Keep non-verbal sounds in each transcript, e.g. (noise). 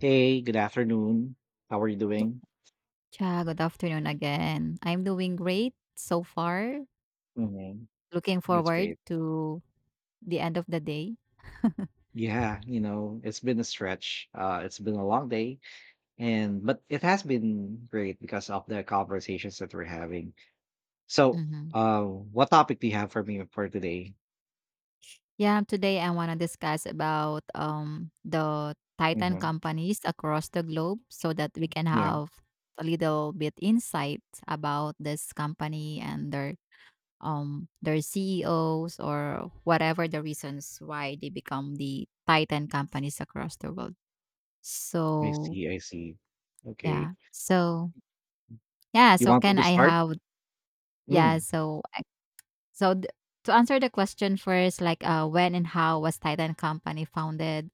Hey, good afternoon. How are you doing? Cha, good afternoon again. I'm doing great so far. Mhm. Looking That's forward great. to the end of the day. Yeah, you know, it's been a stretch. It's been a long day, and but it has been great because of the conversations that we're having. So, hmm what topic do you have for me for today? Yeah, today I want to discuss about the Titan Hmm. companies across the globe so that we can Yeah, have a little bit insight about this company and their CEOs or whatever the reasons why they become the Titan companies across the world. I So, see, I see. Okay, yeah. So, Yeah, you so want me can to I start? have yeah, Mm, so I so th To answer the question first, like, when and how was Titan Company founded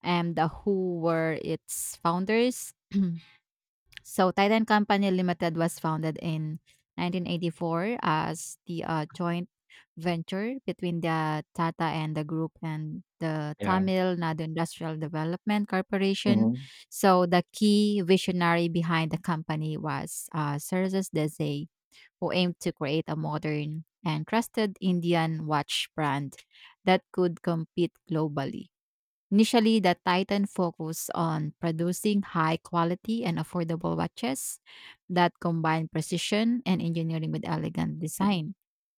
and the who were its founders? (clears throat) So Titan Company Limited was founded in 1984 as the, joint venture between the Tata and the group and the yeah. Tamil Nadu Industrial Development Corporation. Hmm. So the key visionary behind the company was, Serges Desai, who aimed to create a modern and trusted Indian watch brand that could compete globally. Initially, the Titan focused on producing high quality and affordable watches that combine precision and engineering with elegant design.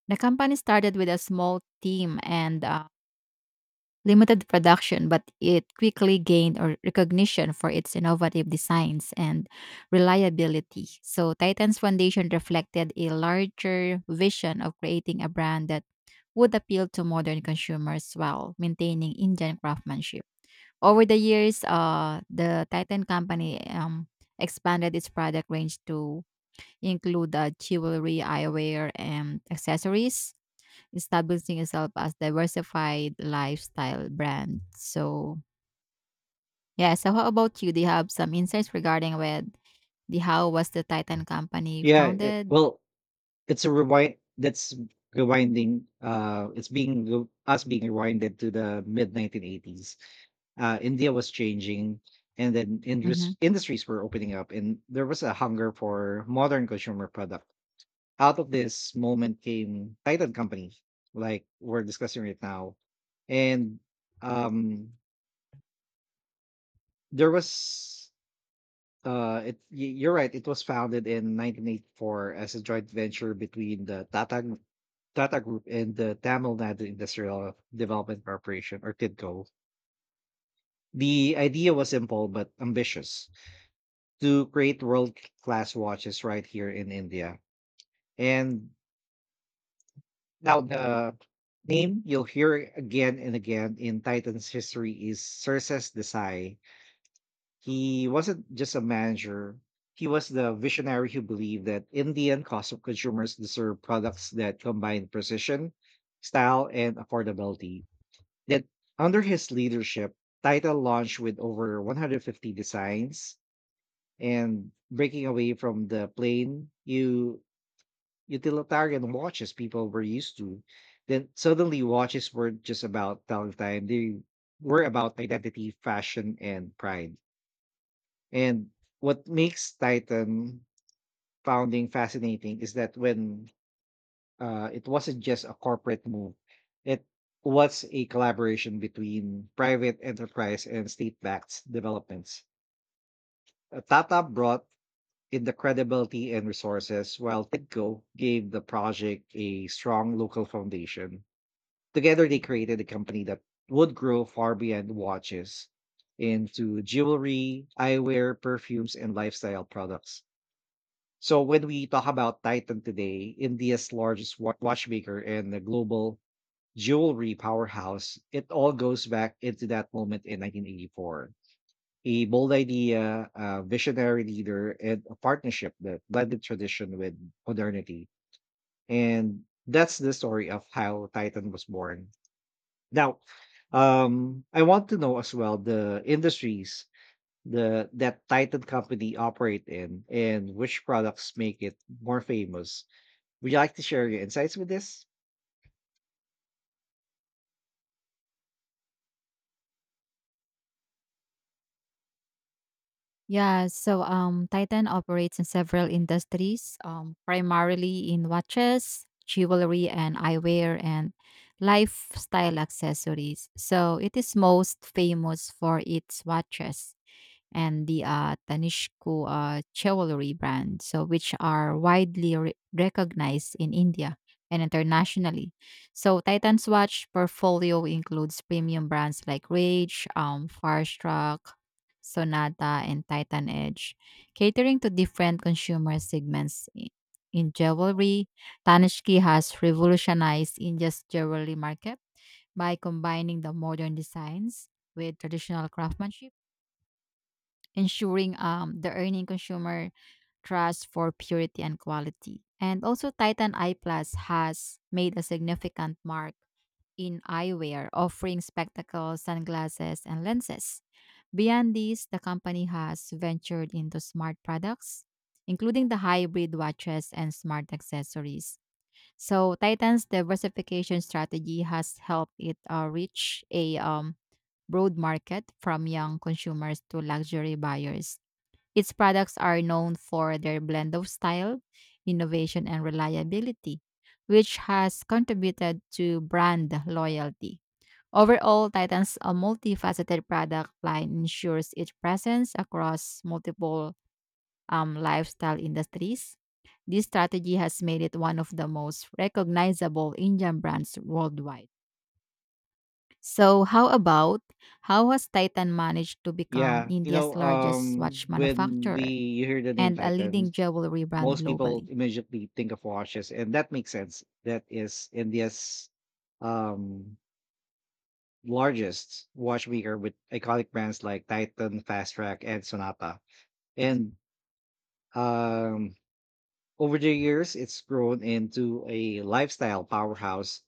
The company started with a small team and limited production, but it quickly gained or recognition for its innovative designs and reliability. So, Titan's foundation reflected a larger vision of creating a brand that would appeal to modern consumers while maintaining Indian craftsmanship. Over the years, the Titan company expanded its product range to include jewelry, eyewear, and accessories, establishing yourself as diversified lifestyle brand. So yeah, so how about you? Do you have some insights regarding with the how was the Titan company Yeah. it- founded? well, It's a rewinding, us being rewinded to the mid 1980s. India was changing, and then hmm indus- industries were opening up, and there was a hunger for modern consumer product. Out of this moment came Titan Company, like we're discussing right now, and um, there was it y- you're right. It was founded in 1984 as a joint venture between the Tata Group and the Tamil Nadu Industrial Development Corporation, or TIDCO. The idea was simple but ambitious to create world class watches right here in India. And now the name you'll hear again and again in Titan's history is Circes Desai. He wasn't just a manager. He was the visionary who believed that in the end, cost of consumers deserve products that combine precision, style, and affordability. That under his leadership, Title launched with over 150 designs and breaking away from the plain utilitarian watches people were used to. Then suddenly, watches weren't just about telling time; they were about identity, fashion, and pride. And what makes Titan founding fascinating is that when it wasn't just a corporate move, it was a collaboration between private enterprise and state backed developments. Tata brought in the credibility and resources, while TIDCO gave the project a strong local foundation. Together, they created a company that would grow far beyond watches into jewelry, eyewear, perfumes, and lifestyle products. So when we talk about Titan today, India's largest watchmaker and the global jewelry powerhouse, it all goes back into that moment in 1984. A bold idea, a visionary leader, and a partnership that blended tradition with modernity. And that's the story of how Titan was born. Now, I want to know as well the industries the that Titan company operate in and which products make it more famous. Would you like to share your insights with this? Yeah, so Titan operates in several industries, primarily in watches, jewelry, and eyewear, and lifestyle accessories. So it is most famous for its watches and the Tanishq jewelry brand, so which are widely recognized in India and internationally. So Titan's watch portfolio includes premium brands like Rage, Farstruck, Sonata, and Titan Edge, catering to different consumer segments. In jewelry, Tanishq has revolutionized India's jewelry market by combining the modern designs with traditional craftsmanship, ensuring the earning consumer trust for purity and quality. And also, Titan Eye Plus has made a significant mark in eyewear, offering spectacles, sunglasses, and lenses. Beyond these, the company has ventured into smart products, including the hybrid watches and smart accessories. So, Titan's diversification strategy has helped it reach a broad market from young consumers to luxury buyers. Its products are known for their blend of style, innovation, and reliability, which has contributed to brand loyalty. Overall, Titan's a multifaceted product line ensures its presence across multiple lifestyle industries. This strategy has made it one of the most recognizable Indian brands worldwide. So, how about how has Titan managed to become Yeah, you know, India's largest watch when manufacturer we hear the name and a Titan, leading jewelry brand most people globally? immediately think of watches, and that makes sense. That is India's um, largest watchmaker with iconic brands like Titan, Fast Track, and Sonata. And um, over the years, it's grown into a lifestyle powerhouse.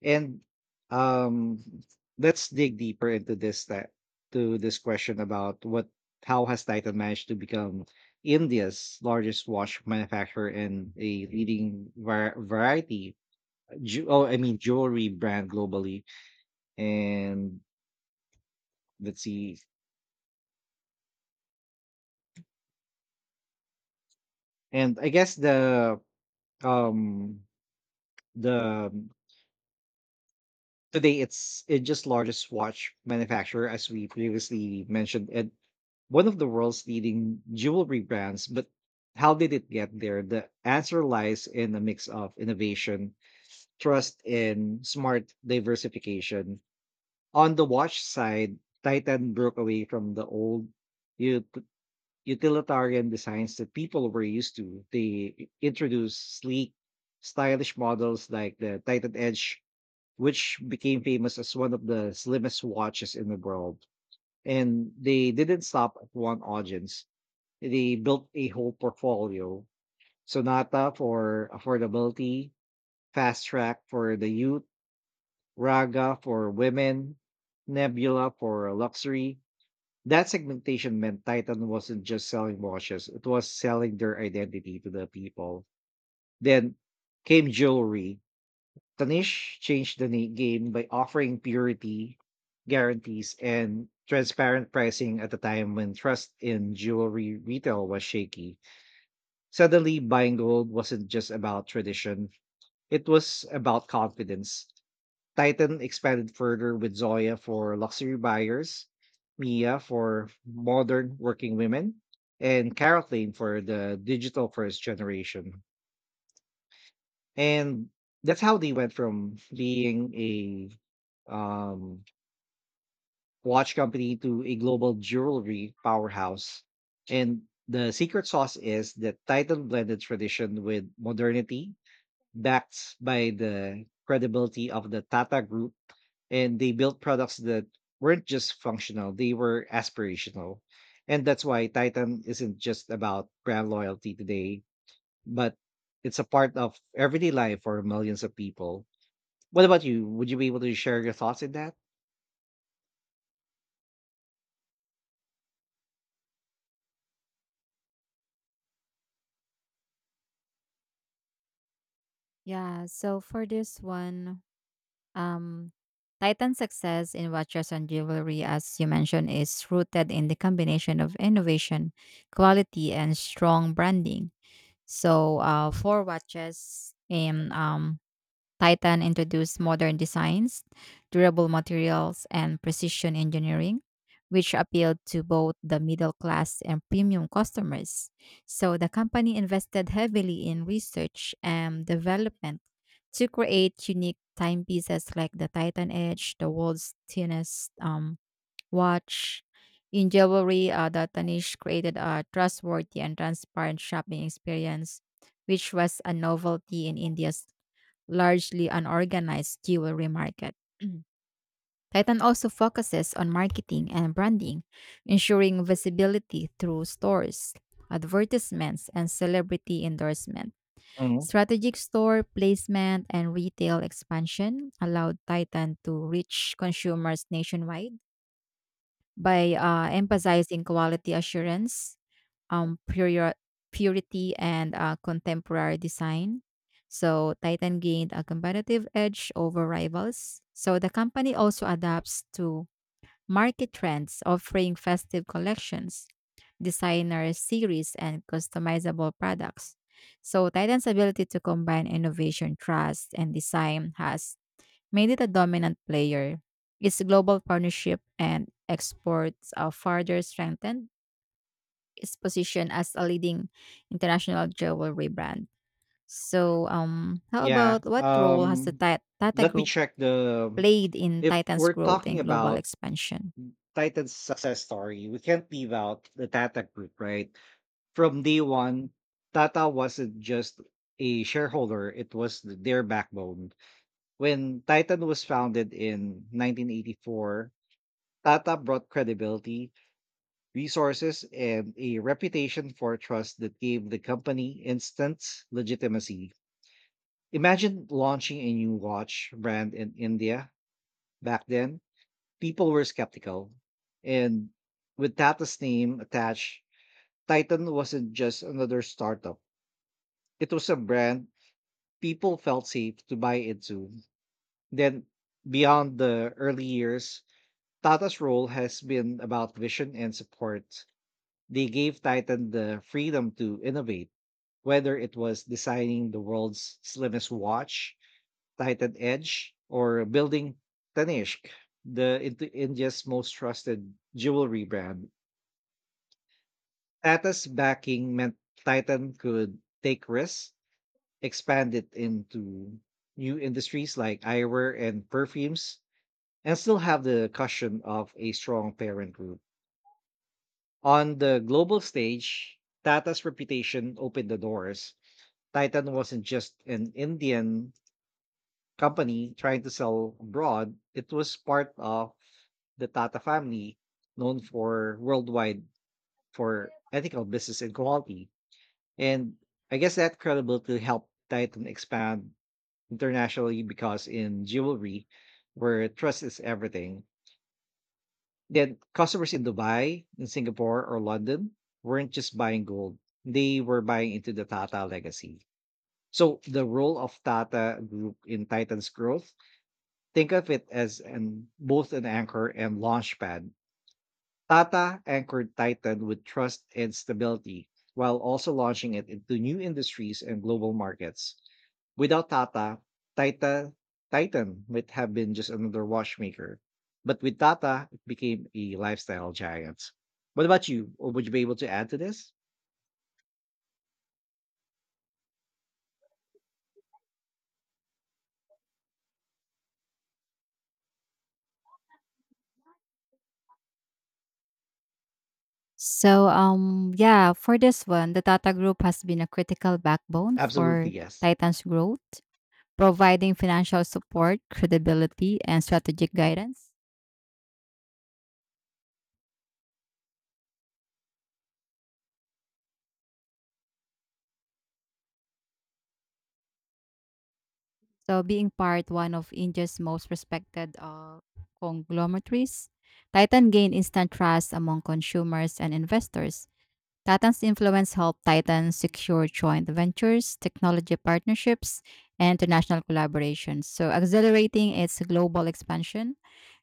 And um, let's dig deeper into this, that to this question about what how has Titan managed to become India's largest watch manufacturer and a leading var- variety ju- oh I mean jewelry brand globally. And let's see, and I guess um the today, it's just largest watch manufacturer, as we previously mentioned, and one of the world's leading jewelry brands. But how did it get there? The answer lies in a mix of innovation, trust, and smart diversification. On the watch side, Titan broke away from the old ut- utilitarian designs that people were used to. They introduced sleek, stylish models like the Titan Edge, which became famous as one of the slimmest watches in the world. And they didn't stop at one audience. They built a whole portfolio. So Sonata for affordability, Fast Track for the youth, Raga for women, Nebula for luxury. That segmentation meant Titan wasn't just selling watches, it was selling their identity to the people. Then came jewelry. Tanish changed the game by offering purity guarantees and transparent pricing at a time when trust in jewelry retail was shaky. Suddenly, buying gold wasn't just about tradition, it was about confidence. Titan expanded further with Zoya for luxury buyers, Mia for modern working women, and Carol Lane for the digital first generation. And that's how they went from being a watch company to a global jewelry powerhouse. And the secret sauce is that Titan blended tradition with modernity, backed by the credibility of the Tata Group. And they built products that weren't just functional, they were aspirational. And that's why Titan isn't just about brand loyalty today, but it's a part of everyday life for millions of people. What about you? Would you be able to share your thoughts in that? Yeah, so for this one, um, Titan's success in watches and jewelry, as you mentioned, is rooted in the combination of innovation, quality, and strong branding. So, for watches, in Titan introduced modern designs, durable materials, and precision engineering, which appealed to both the middle class and premium customers. So the company invested heavily in research and development to create unique timepieces like the Titan Edge, the world's thinnest watch. In jewelry, the Tanish created a trustworthy and transparent shopping experience, which was a novelty in India's largely unorganized jewelry market. (clears throat) Titan also focuses on marketing and branding, ensuring visibility through stores, advertisements, and celebrity endorsement. Mhm. Strategic store placement and retail expansion allowed Titan to reach consumers nationwide by emphasizing quality assurance, um, puri- purity, and contemporary design. So Titan gained a competitive edge over rivals. So the company also adapts to market trends, offering festive collections, designer series, and customizable products. So Titan's ability to combine innovation, trust, and design has made it a dominant player. Its global partnership and exports further strengthened its position as a leading international jewelry brand. So, how Yeah. about what role has the Tata Let me Group check the played in if Titan's we're growth talking and global about expansion? Titan's success story, we can't leave out the Tata group, right? From day one, Tata wasn't just a shareholder, it was their backbone. When Titan was founded in 1984, Tata brought credibility, resources, and a reputation for trust that gave the company instant legitimacy. Imagine launching a new watch brand in India back then. People were skeptical. And with Tata's name attached, Titan wasn't just another startup. It was a brand people felt safe to buy into. Then, beyond the early years, Tata's role has been about vision and support. They gave Titan the freedom to innovate, whether it was designing the world's slimmest watch Titan Edge or building Tanishq, the India's most trusted jewelry brand. Tata's backing meant Titan could take risks, expand it into new industries like eyewear and perfumes, and still have the cushion of a strong parent group. On the global stage, Tata's reputation opened the doors. Titan wasn't just an Indian company trying to sell abroad, it was part of the Tata family, known for worldwide for ethical business and quality. And I guess that credibility helped Titan expand internationally because in jewelry, where trust is everything, then customers in Dubai, in Singapore, or London weren't just buying gold; they were buying into the Tata legacy. So the role of Tata Group in Titan's growth, think of it as an both an anchor and launch pad. Tata anchored Titan with trust and stability while also launching it into new industries and global markets. Without Tata, Titan, Titan might have been just another watchmaker. But with Tata, it became a lifestyle giant. What about you? Or would you be able to add to this? So, yeah, for this one, the Tata Group has been a critical backbone Absolutely, for yes. Titan's growth, providing financial support, credibility, and strategic guidance. So being part one of India's most respected conglomerates, Titan gained instant trust among consumers and investors. Tatan's influence helped Titan secure joint ventures, technology partnerships, and international collaborations, so accelerating its global expansion.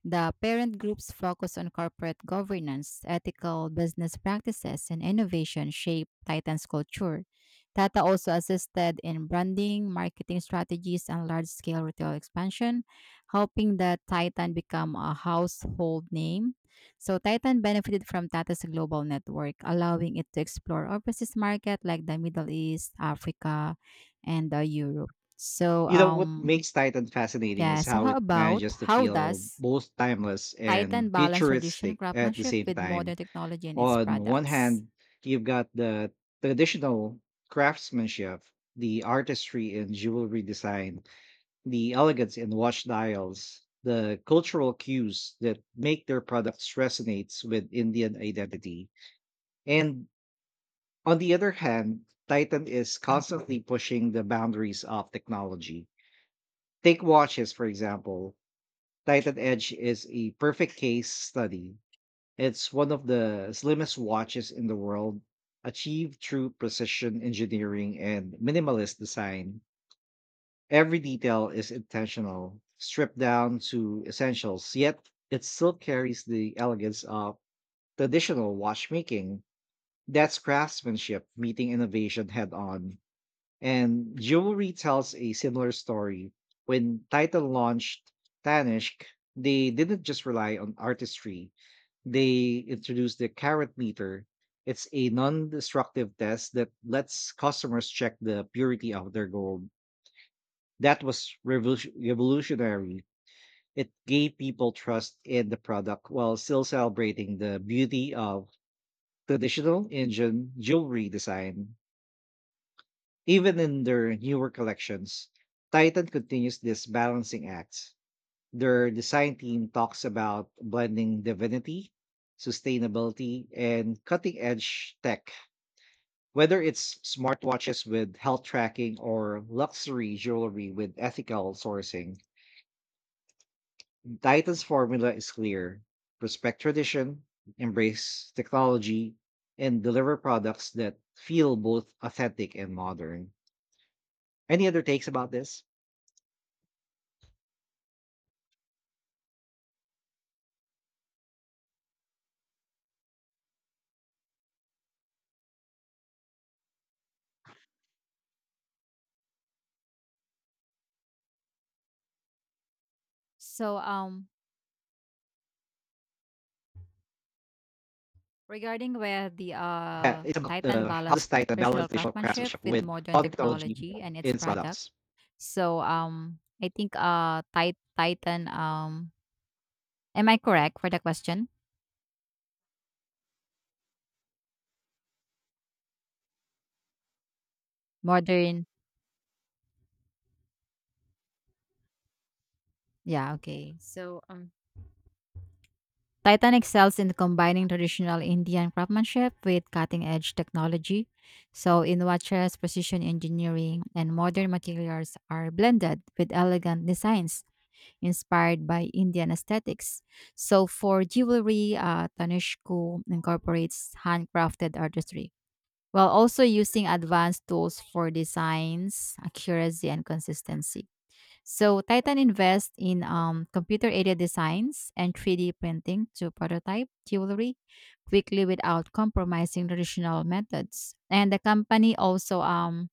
The parent group's focus on corporate governance, ethical business practices, and innovation shaped Titan's culture. Tata also assisted in branding, marketing strategies, and large scale retail expansion, helping the Titan become a household name. So Titan benefited from Tata's global network, allowing it to explore overseas market like the Middle East, Africa, and Europe. So You know what um makes Titan fascinating yeah, is so how how it about manages to how feel does both timeless and Titan balance tradition futuristic at the craftsmanship same with time. modern technology in its On one products? hand, you've got the traditional craftsmanship, the artistry in jewelry design, the elegance in watch dials, the cultural cues that make their products resonates with Indian identity. And on the other hand, Titan is constantly pushing the boundaries of technology. Take watches, for example. Titan Edge is a perfect case study. It's one of the slimmest watches in the world, achieved through precision engineering and minimalist design. Every detail is intentional, stripped down to essentials, yet it still carries the elegance of traditional watchmaking. That's craftsmanship meeting innovation head on. And jewelry tells a similar story. When Titan launched Tanishq, they didn't just rely on artistry, they introduced the carat meter. It's a non destructive test that lets customers check the purity of their gold. That was revolutionary. It gave people trust in the product while still celebrating the beauty of traditional Indian jewelry design. Even in their newer collections, Titan continues this balancing act. Their design team talks about blending divinity, sustainability, and cutting edge tech, whether it's smartwatches with health tracking or luxury jewelry with ethical sourcing. Titan's formula is clear: respect tradition, embrace technology, and deliver products that feel both authentic and modern. Any other takes about this? So regarding where the Yeah, it's about Titan the how to balance strike the balance traditional visual craftsmanship craftsmanship with with modern modern technology technology and its in its product. products. So I think Titan, am I correct for the question? Modern, yeah, okay. So, Titan excels in combining traditional Indian craftsmanship with cutting-edge technology. So, in watches, precision engineering and modern materials are blended with elegant designs inspired by Indian aesthetics. So, for jewelry, Tanishq incorporates handcrafted artistry while also using advanced tools for designs, accuracy, and consistency. So Titan invests in computer-aided designs and 3D printing to prototype jewelry quickly without compromising traditional methods. And the company also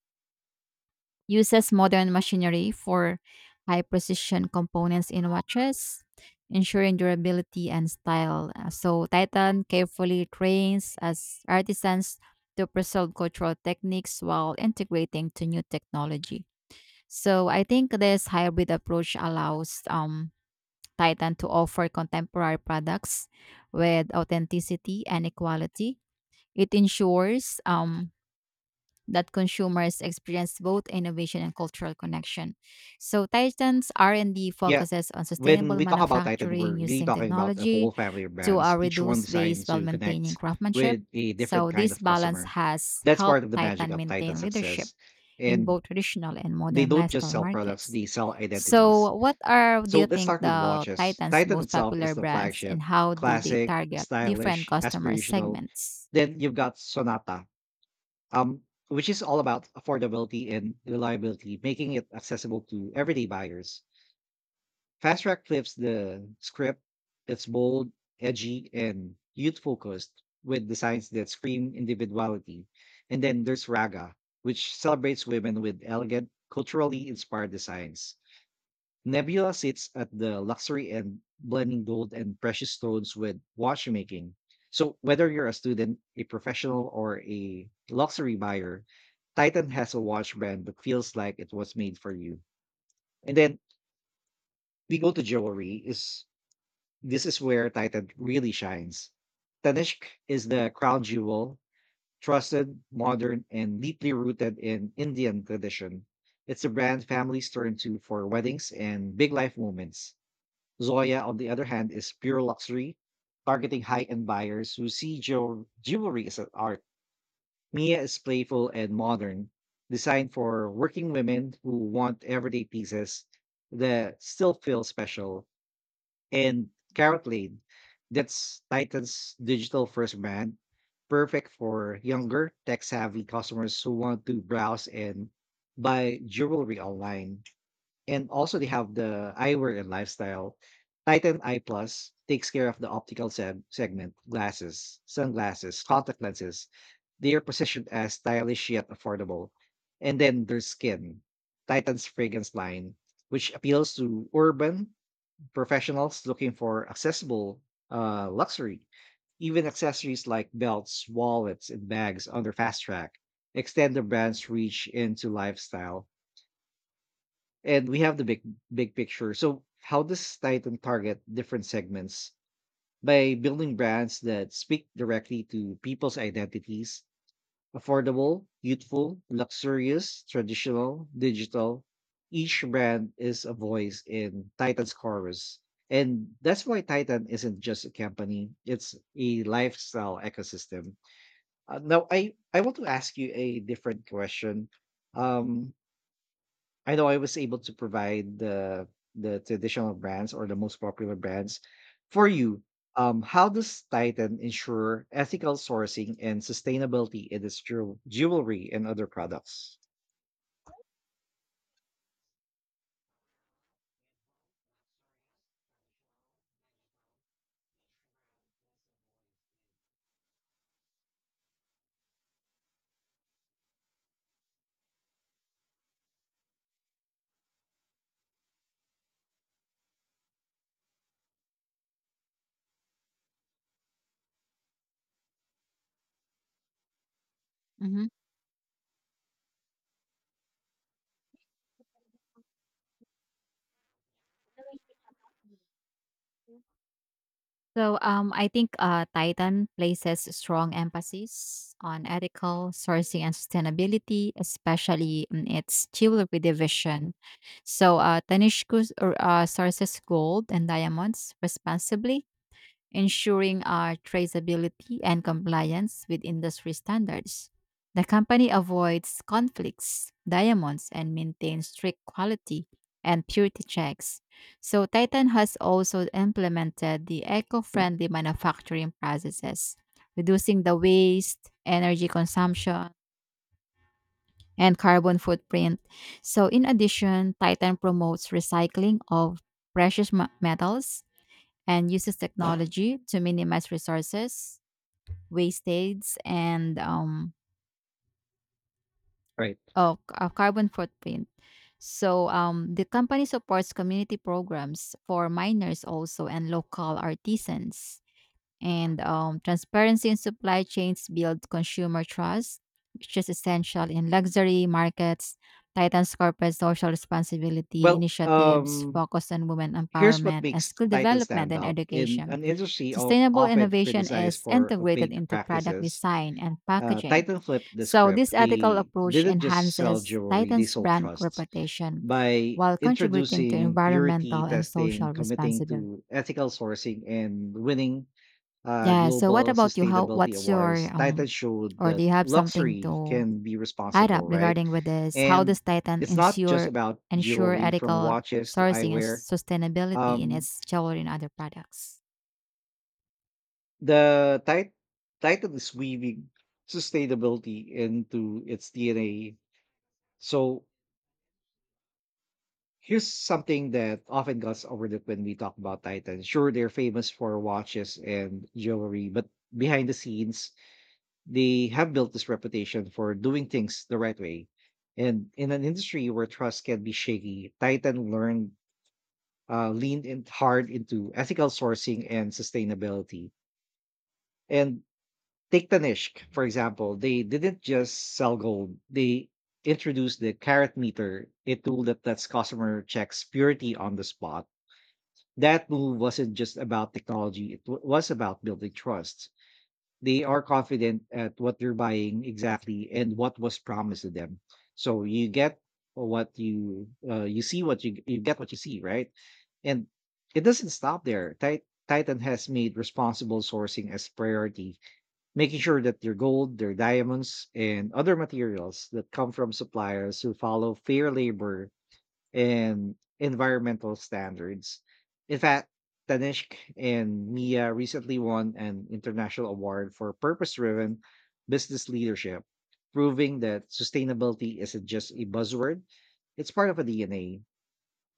uses modern machinery for high-precision components in watches, ensuring durability and style. So Titan carefully trains as artisans to preserve cultural techniques while integrating to new technology. So I think this hybrid approach allows Titan to offer contemporary products with authenticity and equality. It ensures that consumers experience both innovation and cultural connection. So Titan's R&D Yeah, focuses on when sustainable we talk about Titan, we're manufacturing really using talking about a technology whole family of to brands, each one reduce designed waste while to maintaining connect craftsmanship. with a different So kind this of balance customer. has That's helped part of the magic Titan of Titan's maintain leadership success. in And both traditional and they modern don't just lifestyle sell products, markets. they sell identities. So, what are do So you let's think start with the watches. Titan's Titan most itself is popular the brands flagship, and how do they classic, target different stylish, customer aspirational. segments? Then you've got Sonata, um, which is all about affordability and reliability, making it accessible to everyday buyers. Fast Track flips the script. It's bold, edgy, and youth focused with designs that scream individuality. And then there's Raga, which celebrates women with elegant, culturally inspired designs. Nebula sits at the luxury end, blending gold and precious stones with watchmaking. So, whether you're a student, a professional, or a luxury buyer, Titan has a watch brand that feels like it was made for you. And then we go to jewelry. Is this is where Titan really shines. Tanishq is the crown jewel, trusted, modern, and deeply rooted in Indian tradition. It's a brand families turn to for weddings and big life moments. Zoya, on the other hand, is pure luxury, targeting high end buyers who see jewelry as an art. Mia is playful and modern, designed for working women who want everyday pieces that still feel special. And Carrot Lane, that's Titan's digital first brand, perfect for younger, tech savvy customers who want to browse and buy jewelry online. And also they have the eyewear and lifestyle. Titan Eye Plus takes care of the segment, glasses, sunglasses, contact lenses. They are positioned as stylish yet affordable. And then there's skin, Titan's fragrance line, which appeals to urban professionals looking for accessible luxury. Even accessories like belts, wallets, and bags under fast track extend the brand's reach into lifestyle, and we have the big picture. So how does Titan target different segments by building brands that speak directly to people's identities: affordable, youthful, luxurious, traditional, digital. Each brand is a voice in Titan's chorus. And that's why Titan isn't just a company, it's a lifestyle ecosystem. Now I want to ask you a different question. Um I know I was able to provide the traditional brands or the most popular brands for you. How does Titan ensure ethical sourcing and sustainability in its jewelry and other products? hmm So, I think Titan places strong emphasis on ethical sourcing and sustainability, especially in its jewelry division. So, Tanishq sources gold and diamonds responsibly, ensuring our traceability and compliance with industry standards. The company avoids conflicts, diamonds, and maintains strict quality and purity checks. So, Titan has also implemented the eco friendly manufacturing processes, reducing the waste, energy consumption, and carbon footprint. So, in addition, Titan promotes recycling of precious metals and uses technology to minimize resources wastage and Right. Carbon footprint. So the company supports community programs for miners also and local artisans. And transparency in supply chains build consumer trust, which is essential in luxury markets. Titan's corporate social responsibility Well, initiatives um, focus on women Here's what empowerment and makes skill Titan development stand and out. In education. an industry of Sustainable often innovation criticized is for integrated opaque into product practices, design and packaging. Titan flipped the So, script. this ethical They approach didn't just sell enhances jewelry, they Titan's sold brand trust. reputation By while contributing to introducing purity environmental and testing, social committing responsibility. to ethical sourcing, and winning Yeah, so what global about you? How sustainability what's your awards, Titan showed or do that you have something luxury to can be add up responsible, right? regarding with this? How And does Titan it's not just ensure about ensure jewelry, from ethical watches to sourcing and eyewear. sustainability in Um, its jewelry and other products? The title is weaving sustainability into its DNA. So here's something that often gets overlooked when we talk about Titan. Sure, they're famous for watches and jewelry, but behind the scenes, they have built this reputation for doing things the right way. And in an industry where trust can be shaky, Titan learned leaned in hard into ethical sourcing and sustainability. And Take Tanishq, for example. They didn't just sell gold. They introduced the carat meter, a tool that lets customer checks purity on the spot. That move wasn't just about technology, was about building trust. They are confident at what they're buying exactly and what was promised to them. So you get what you you see, what you get what you see, right? And it doesn't stop there. Titan has made responsible sourcing as priority, making sure that their gold, their diamonds, and other materials that come from suppliers who follow fair labor and environmental standards. In fact, Tanishq and Mia recently won an international award for purpose driven business leadership, proving that sustainability isn't just a buzzword, it's part of a DNA.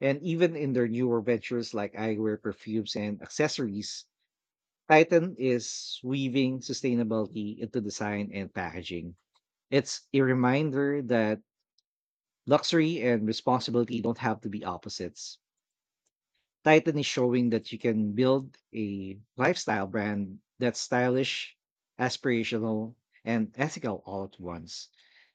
And even in their newer ventures like eyewear, perfumes, and accessories, Titan is weaving sustainability into design and packaging. It's a reminder that luxury and responsibility don't have to be opposites. Titan is showing that you can build a lifestyle brand that's stylish, aspirational, and ethical all at once.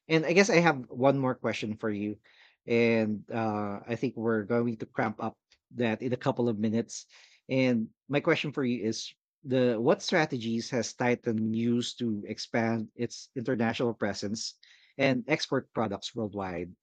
And I guess I have one more question for you. And I think we're going to cramp up that in a couple of minutes. And my question for you is the what strategies has Titan used to expand its international presence and export products worldwide?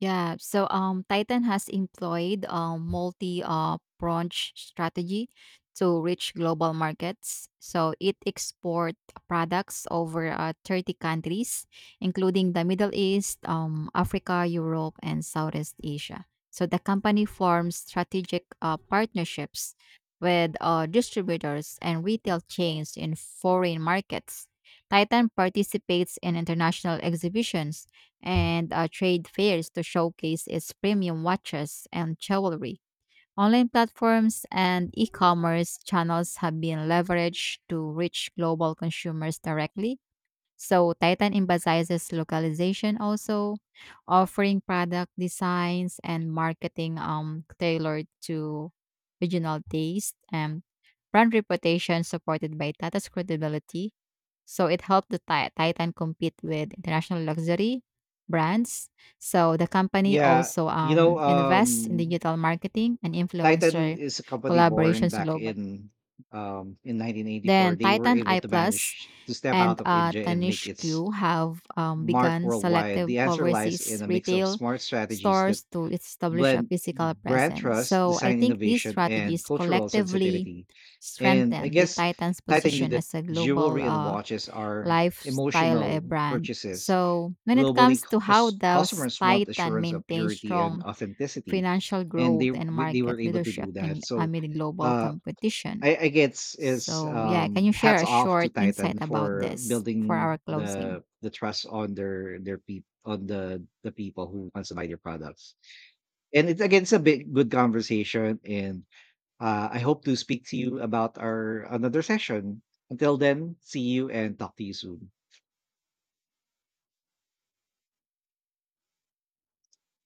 Yeah. So Titan has employed a multi branch strategy to reach global markets. So it exports products over 30 countries including the Middle East, Africa, Europe and Southeast Asia. So the company forms strategic partnerships with distributors and retail chains in foreign markets. Titan participates in international exhibitions and trade fairs to showcase its premium watches and jewelry. Online platforms and e commerce channels have been leveraged to reach global consumers directly. So Titan emphasizes localization also, offering product designs and marketing tailored to regional taste and brand reputation supported by Tata's credibility. So it helped the Titan compete with international luxury brands. So the company Yeah, also you know, invests in digital marketing and Titan influencer is a company born collaborations back globally. in 1984. Then They were Titan able I to Plus manage to step out and of India and make Tanishq its have mark begun worldwide. selective The answer lies in overseas a mix of retail smart strategies that stores to establish a blend physical brand presence. trust, So I design think these innovation, and strategies cultural collectively sensitivity. And I strengthen the guess Titan's Titan knew position that as a global jewelry and watches are lifestyle emotional brand. purchases. So when it Globally, comes to how does customers want Titan assurance of maintain purity and strong authenticity, financial and growth and they market were able to do leadership that. in, So, amid global uh, competition? I guess is So, yeah, can you share hats a off to short insight Titan about for this for building our closing? the trust on their people, on the people who wants to buy their products. And it's again, it's a bit good conversation, and I hope to speak to you about our another session. Until then, see you and talk to you soon.